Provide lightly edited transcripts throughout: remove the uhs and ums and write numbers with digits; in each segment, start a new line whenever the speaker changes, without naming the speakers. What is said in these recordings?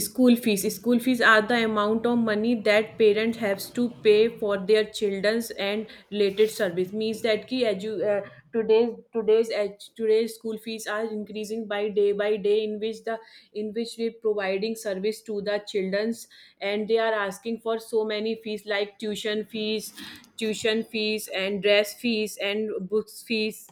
School fees. School fees are the amount of money that parents have to pay for their children's and related service. Means that ki today's school fees are increasing by day in which we providing service to the children's, and they are asking for so many fees like tuition fees and dress fees and books fees.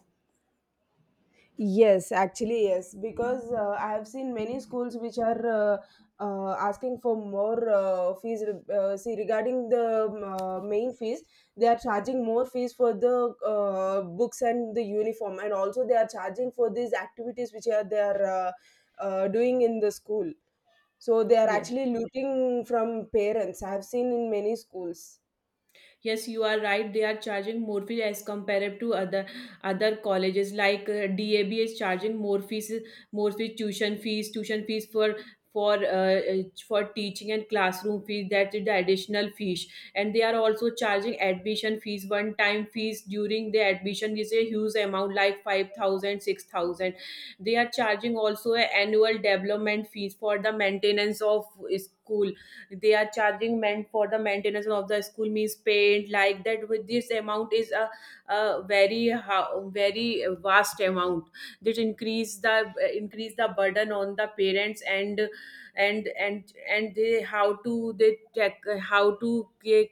Yes, actually, yes, because I have seen many schools which are asking for more fees. See, regarding the main fees, they are charging more fees for the books and the uniform, and also they are charging for these activities which are they are doing in the school. So they are
Yes.
actually looting from parents. I have seen in many schools.
Yes, you are right, they are charging more fees as compared to other colleges like dab is charging more fees tuition fees for for teaching, and classroom fees that is the additional fees. And they are also charging admission fees, one time fees during the admission is a huge amount, like 5,000, 6,000. They are charging also a annual development fees for the maintenance of school. They are charging men for the maintenance of the school means paint like that, with this amount is a very vast amount that increase the burden on the parents, and they how to how to ca-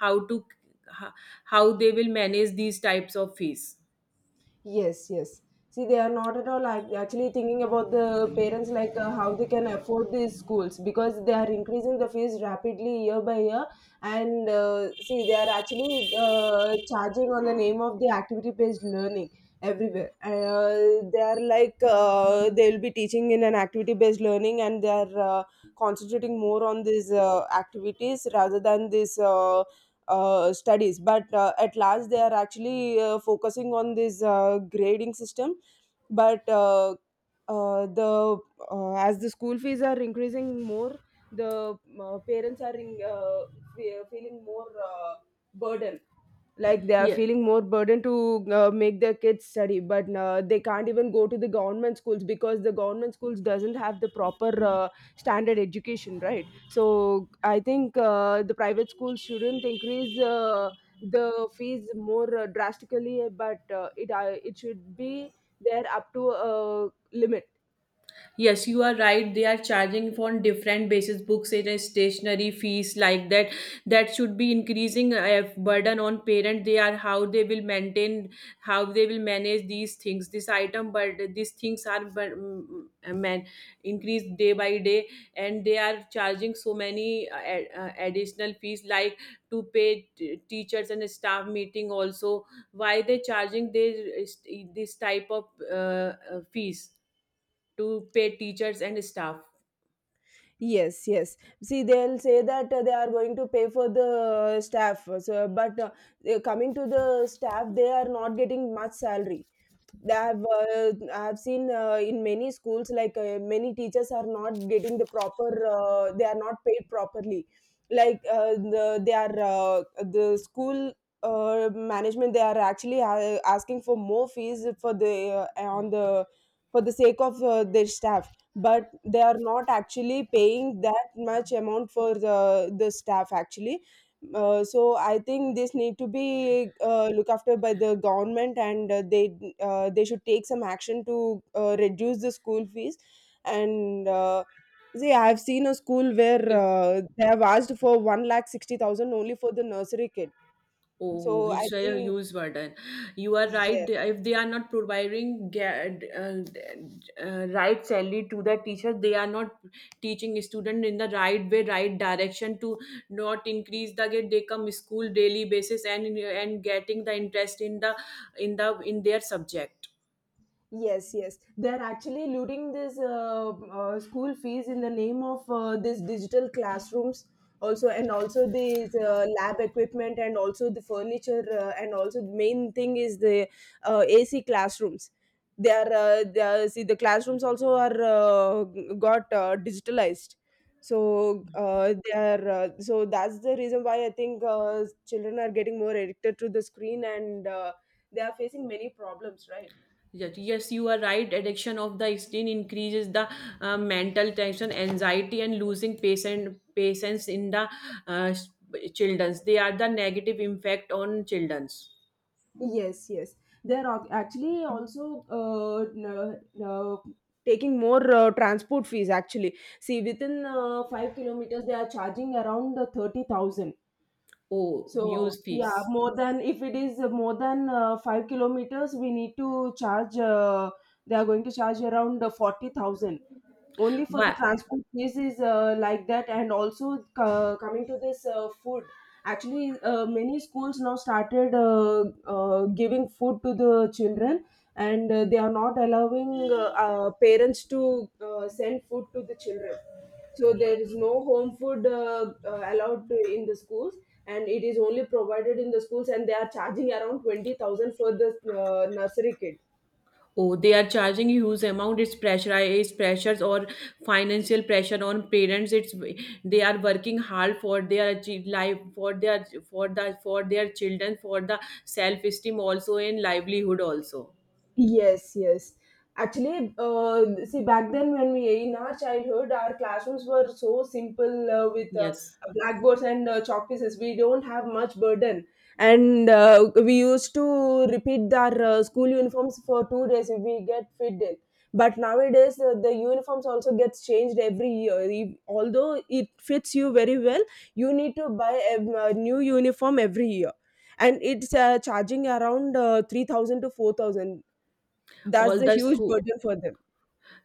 how to how they will manage these types of fees.
Yes, yes. See, they are not at all actually thinking about the parents, like how they can afford these schools, because they are increasing the fees rapidly year by year. And see, they are actually charging on the name of the activity-based learning everywhere. They are like they will be teaching in an activity-based learning, and they are concentrating more on these activities rather than this. Studies, but at last they are actually focusing on this grading system. But the as the school fees are increasing more, the parents are feeling more burden. Like they are
Yeah.
feeling more burden to make their kids study, but they can't even go to the government schools, because the government schools doesn't have the proper standard education, right? So I think the private schools shouldn't increase the fees more drastically, but it should be there up to a limit.
Yes, you are right. They are charging on different basis, books and a stationery fees like that. That should be increasing a burden on parent. They are how they will maintain, how they will manage these things. This item, but these things are but man increased day by day, and they are charging so many additional fees, like to pay teachers and staff meeting also. Why they charging this type of fees? To pay teachers and staff.
Yes, yes. See, they'll say that they are going to pay for the staff. So, but coming to the staff, they are not getting much salary. I've seen in many schools, like many teachers are not getting the proper, they are not paid properly, like they are the school management, they are actually asking for more fees for the sake of their staff, but they are not actually paying that much amount for the staff actually. So I think this need to be looked after by the government, and they should take some action to reduce the school fees. And see, I have seen a school where
If
they have asked for 1,60,000 only for the nursery kid.
Oh,
So I
it's a
think.
huge burden. You are right.
Yes.
If they are not providing uh, right salary to the teacher, they are not teaching student in the right way, right direction, to not increase the get they come school daily basis, and getting the interest in their subject.
Yes, yes. They're actually looting this school fees in the name of this digital classrooms also, and also these lab equipment, and also the furniture, and also the main thing is the AC classrooms. They are See, the classrooms also are got digitalized. So that's the reason why I think children are getting more addicted to the screen, and they are facing many problems, right?
Yes, yes, you are right. Addiction of the screen increases the mental tension, anxiety, and losing patience in the uh, childrens. They are the negative impact on childrens.
Yes, yes. They're actually also uh, taking more transport fees. Actually, see, within 5 kilometers, they are charging around 30,000.
Oh,
So
use
yeah,
fees.
more than, if it is more than 5 kilometers, we need to charge. They are going to charge around 40,000 only for the
Why?
transport fees. Is like that. And also, coming to this food, actually, many schools now started giving food to the children, and they are not allowing parents to send food to the children. So there is no home food allowed in the schools, and it is only provided in the schools, and they are charging around 20,000 for the nursery kid.
Oh, they are charging huge amount. It's pressure, it's pressures, or financial pressure on parents. It's they are working hard for their life, for their for their children, for the self esteem also, and livelihood also.
Yes, yes. Actually, see, back then when we in our childhood, our classrooms were so simple with
Yes.
blackboards and chalk pieces. We don't have much burden, and we used to repeat our school uniforms for 2 days if we get fit in. But nowadays, the uniforms also gets changed every year. Although it fits you very well, you need to buy a new uniform every year, and it's charging around 3,000 to 4,000. That's
All
the
the
huge
school,
burden for them.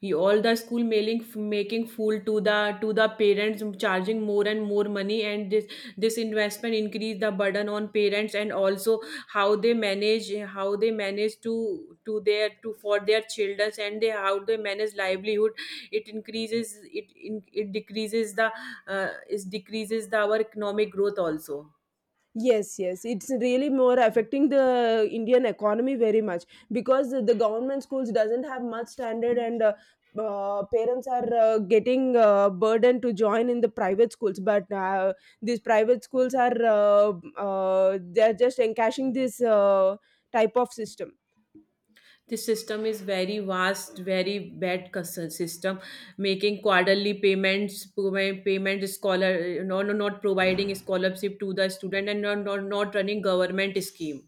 mailing, making fool to the parents, charging more and more money, and this investment increase the burden on parents, and also how they manage to their to for their children, and they how they manage livelihood. It decreases the our economic growth also.
Yes, yes, it's really more affecting the Indian economy very much, because the government schools doesn't have much standard, and parents are getting burden to join in the private schools. But these private schools are they're just encashing this type of system.
This system is very vast, very bad system. Making quarterly payments, payment scholar, no, no, not providing scholarship to the student, and not, not, not running government scheme.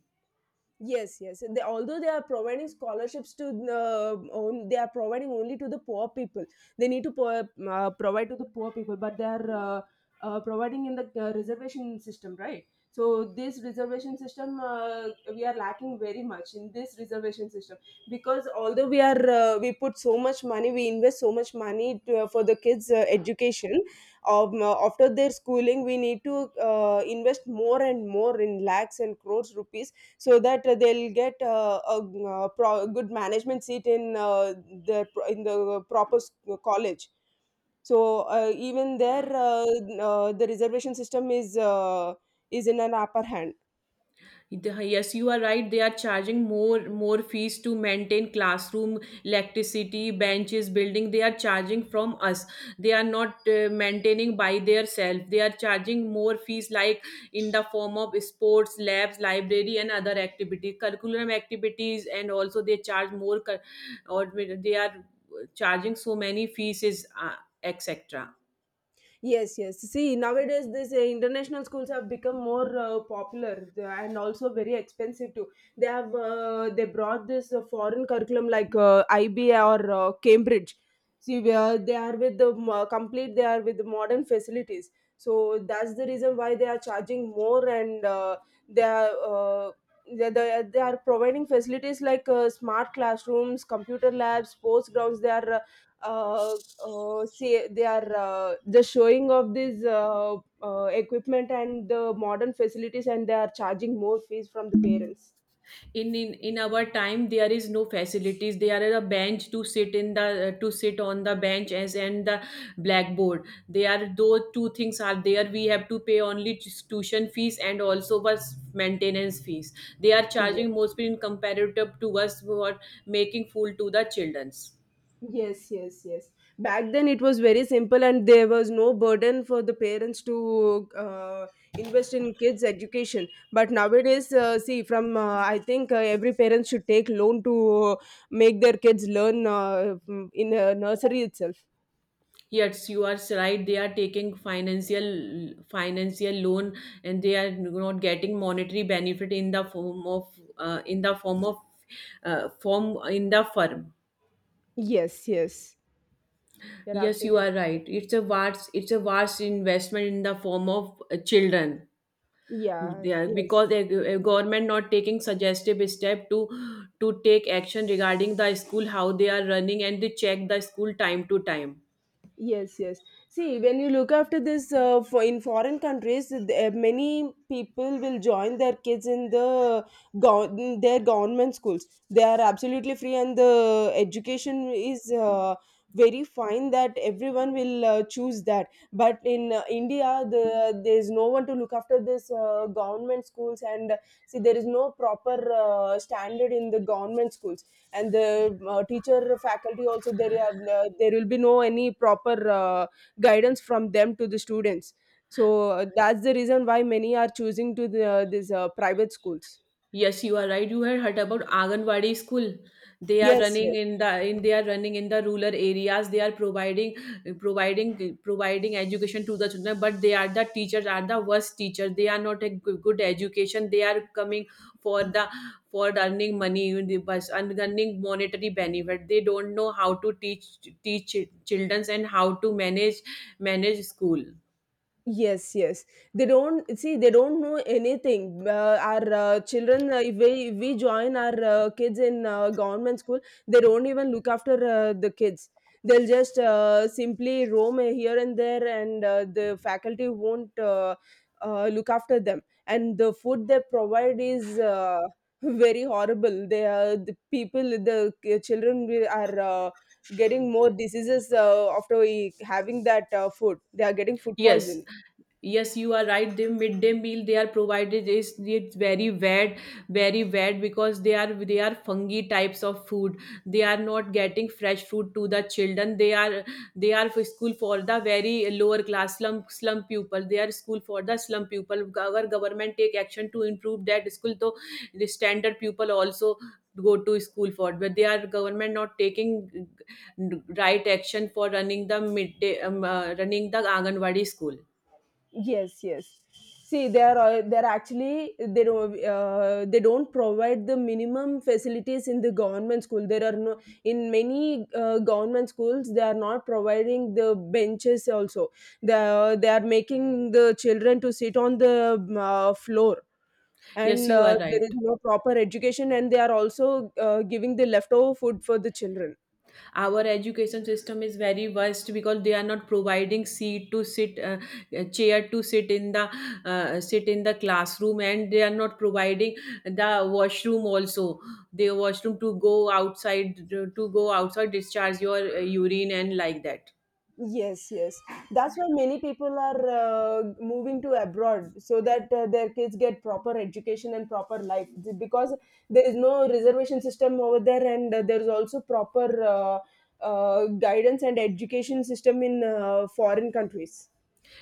Yes, yes. Although they are providing scholarships to they are providing only to the poor people. They need to provide to the poor people, but they are providing in the reservation system, right? So this reservation system, we are lacking very much in this reservation system, because although we are we put so much money, we invest so much money for the kids' education. After their schooling, we need to invest more and more in lakhs and crores rupees, so that they'll get a good management seat in the in the proper college. So even there the reservation system is in an upper hand.
Yes, you are right, they are charging more fees to maintain classroom, electricity, benches, building. They are charging from us. They are not maintaining by their self. They are charging more fees, like in the form of sports, labs, library, and other activity, curriculum activities, and also they charge more or they are charging so many fees is etc.
Yes, yes. See, nowadays these international schools have become more popular, and also very expensive too. They brought this foreign curriculum, like IB or Cambridge. See, where they are with the they are with the modern facilities. So that's the reason why they are charging more, and they are. Uh, they are providing facilities like smart classrooms, computer labs, sports grounds. They are uh, just showing off this equipment and the modern facilities, and they are charging more fees from the parents.
In our time there is no facilities. There are a bench to sit, in the to sit on the bench, as and the blackboard. They are those two things are there. We have to pay only tuition fees and also was maintenance fees. They are
Yes.
charging mostly in comparative to us, for making fool to the children's.
Yes, yes, yes, back then it was very simple, and there was no burden for the parents to uh, invest in kids education. But nowadays, see, from I think every parent should take loan to uh, make their kids learn in a nursery itself.
Yes, you are right, they are taking financial loan, and they are not getting monetary benefit in the form of uh, in the form of form in the firm.
Yes, yes, you're
Yes, you
absolutely.
are right, it's a vast investment in the form of children.
Yeah.
They are,
Yes.
because a government not taking suggestive step to take action regarding the school, how they are running, and they check the school time to time.
Yes, yes. See, when you look after this for in foreign countries, many people will join their kids in in their government schools. They are absolutely free, and the education is very fine. That everyone will choose that. But in India, there is no one to look after this government schools, and see, there is no proper standard in the government schools, and the teacher faculty also. There will be no any proper guidance from them to the students. So that's the reason why many are choosing to these private schools.
Yes, you are right. You had heard about Anganwadi school. They are
Yes,
running
yes.
in the in they are running in the rural areas. They are providing education to the children, but the teachers are the worst teachers. They are not a good, good education. They are coming for the for earning money in the bus, and earning monetary benefit. They don't know how to teach children, and how to manage school.
Yes, yes. They don't see. They don't know anything. Our children, if we join our kids in government school, they don't even look after the kids. They'll just simply roam here and there, and the faculty won't look after them. And the food they provide is very horrible. They are the people, the children are. Getting more diseases after having that food, they are getting food
Yes,
poison.
yes, you are right. The midday meal they are provided is it's very bad, very bad, because they are fungi types of food. They are not getting fresh food to the children. They are for school for the very lower class slum pupil. They are school for the slum pupil. Our government take action to improve that school, so the standard pupil also go to school for, but they are government not taking right action for running the midday running the anganwadi school.
Yes, yes. See, they are actually they don't provide the minimum facilities in the government school. There are no In many government schools, they are not providing the benches. Also, they are making the children to sit on the floor,
Yes,
and
you are
there is
right,
no proper education, and they are also giving the leftover food for the children.
our education system is very worst, because they are not providing seat to sit, chair to sit in the classroom, and they are not providing the washroom also, the washroom to go outside, discharge your urine and like that.
Yes, yes. That's why many people are moving to abroad, so that their kids get proper education and proper life. Because there is no reservation system over there, and there is also proper guidance and education system in foreign countries.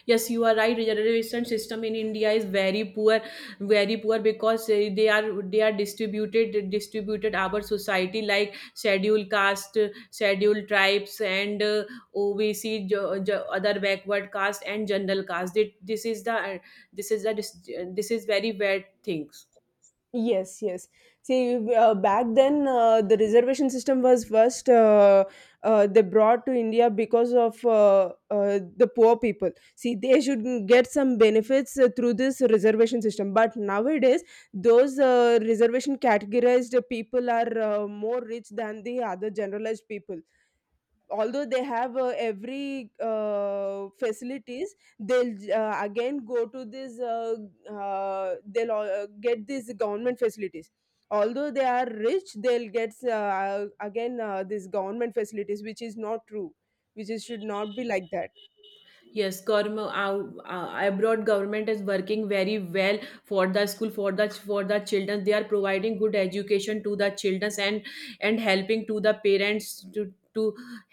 Yes, you are right, reservation system in india is very poor, very poor, because they are distributed our society, like scheduled caste, scheduled tribes, and OBC, other backward caste, and general caste. This is the dis- this is very bad things.
Yes, yes. See, back then the reservation system was first, they brought to India because of the poor people. See, they should get some benefits through this reservation system. But nowadays, those reservation categorized people are more rich than the other generalized people. Although they have every facilities, they'll again go to this they'll get these government facilities. Although they are rich, they'll get again this government facilities, which is not true, which is should not be like that.
Yes, abroad government is working very well for the school, for the children. They are providing good education to the children, and helping to the parents to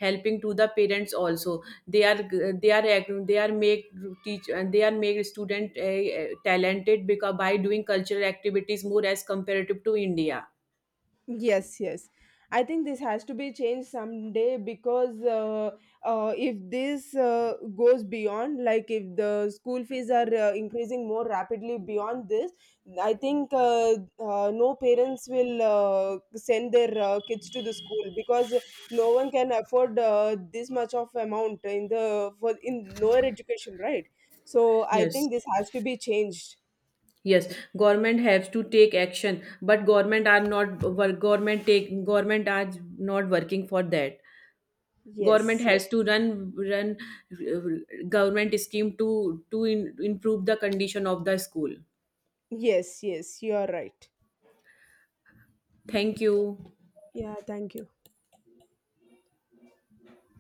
helping to the parents also. They are they are they are make teach, and they are make student talented, because by doing cultural activities more as comparative to India.
Yes, yes. I think this has to be changed someday. Because if this goes beyond, like if the school fees are increasing more rapidly beyond this, I think no parents will send their kids to the school, because no one can afford this much of amount in the for in lower education, right? So I
Yes.
think this has to be changed.
Yes, government has to take action, but government are not government are not working for that. Government
Yes, yes,
has to run government scheme improve the condition of the school.
yes, yes. You are right.
Thank you.
Yeah, thank you.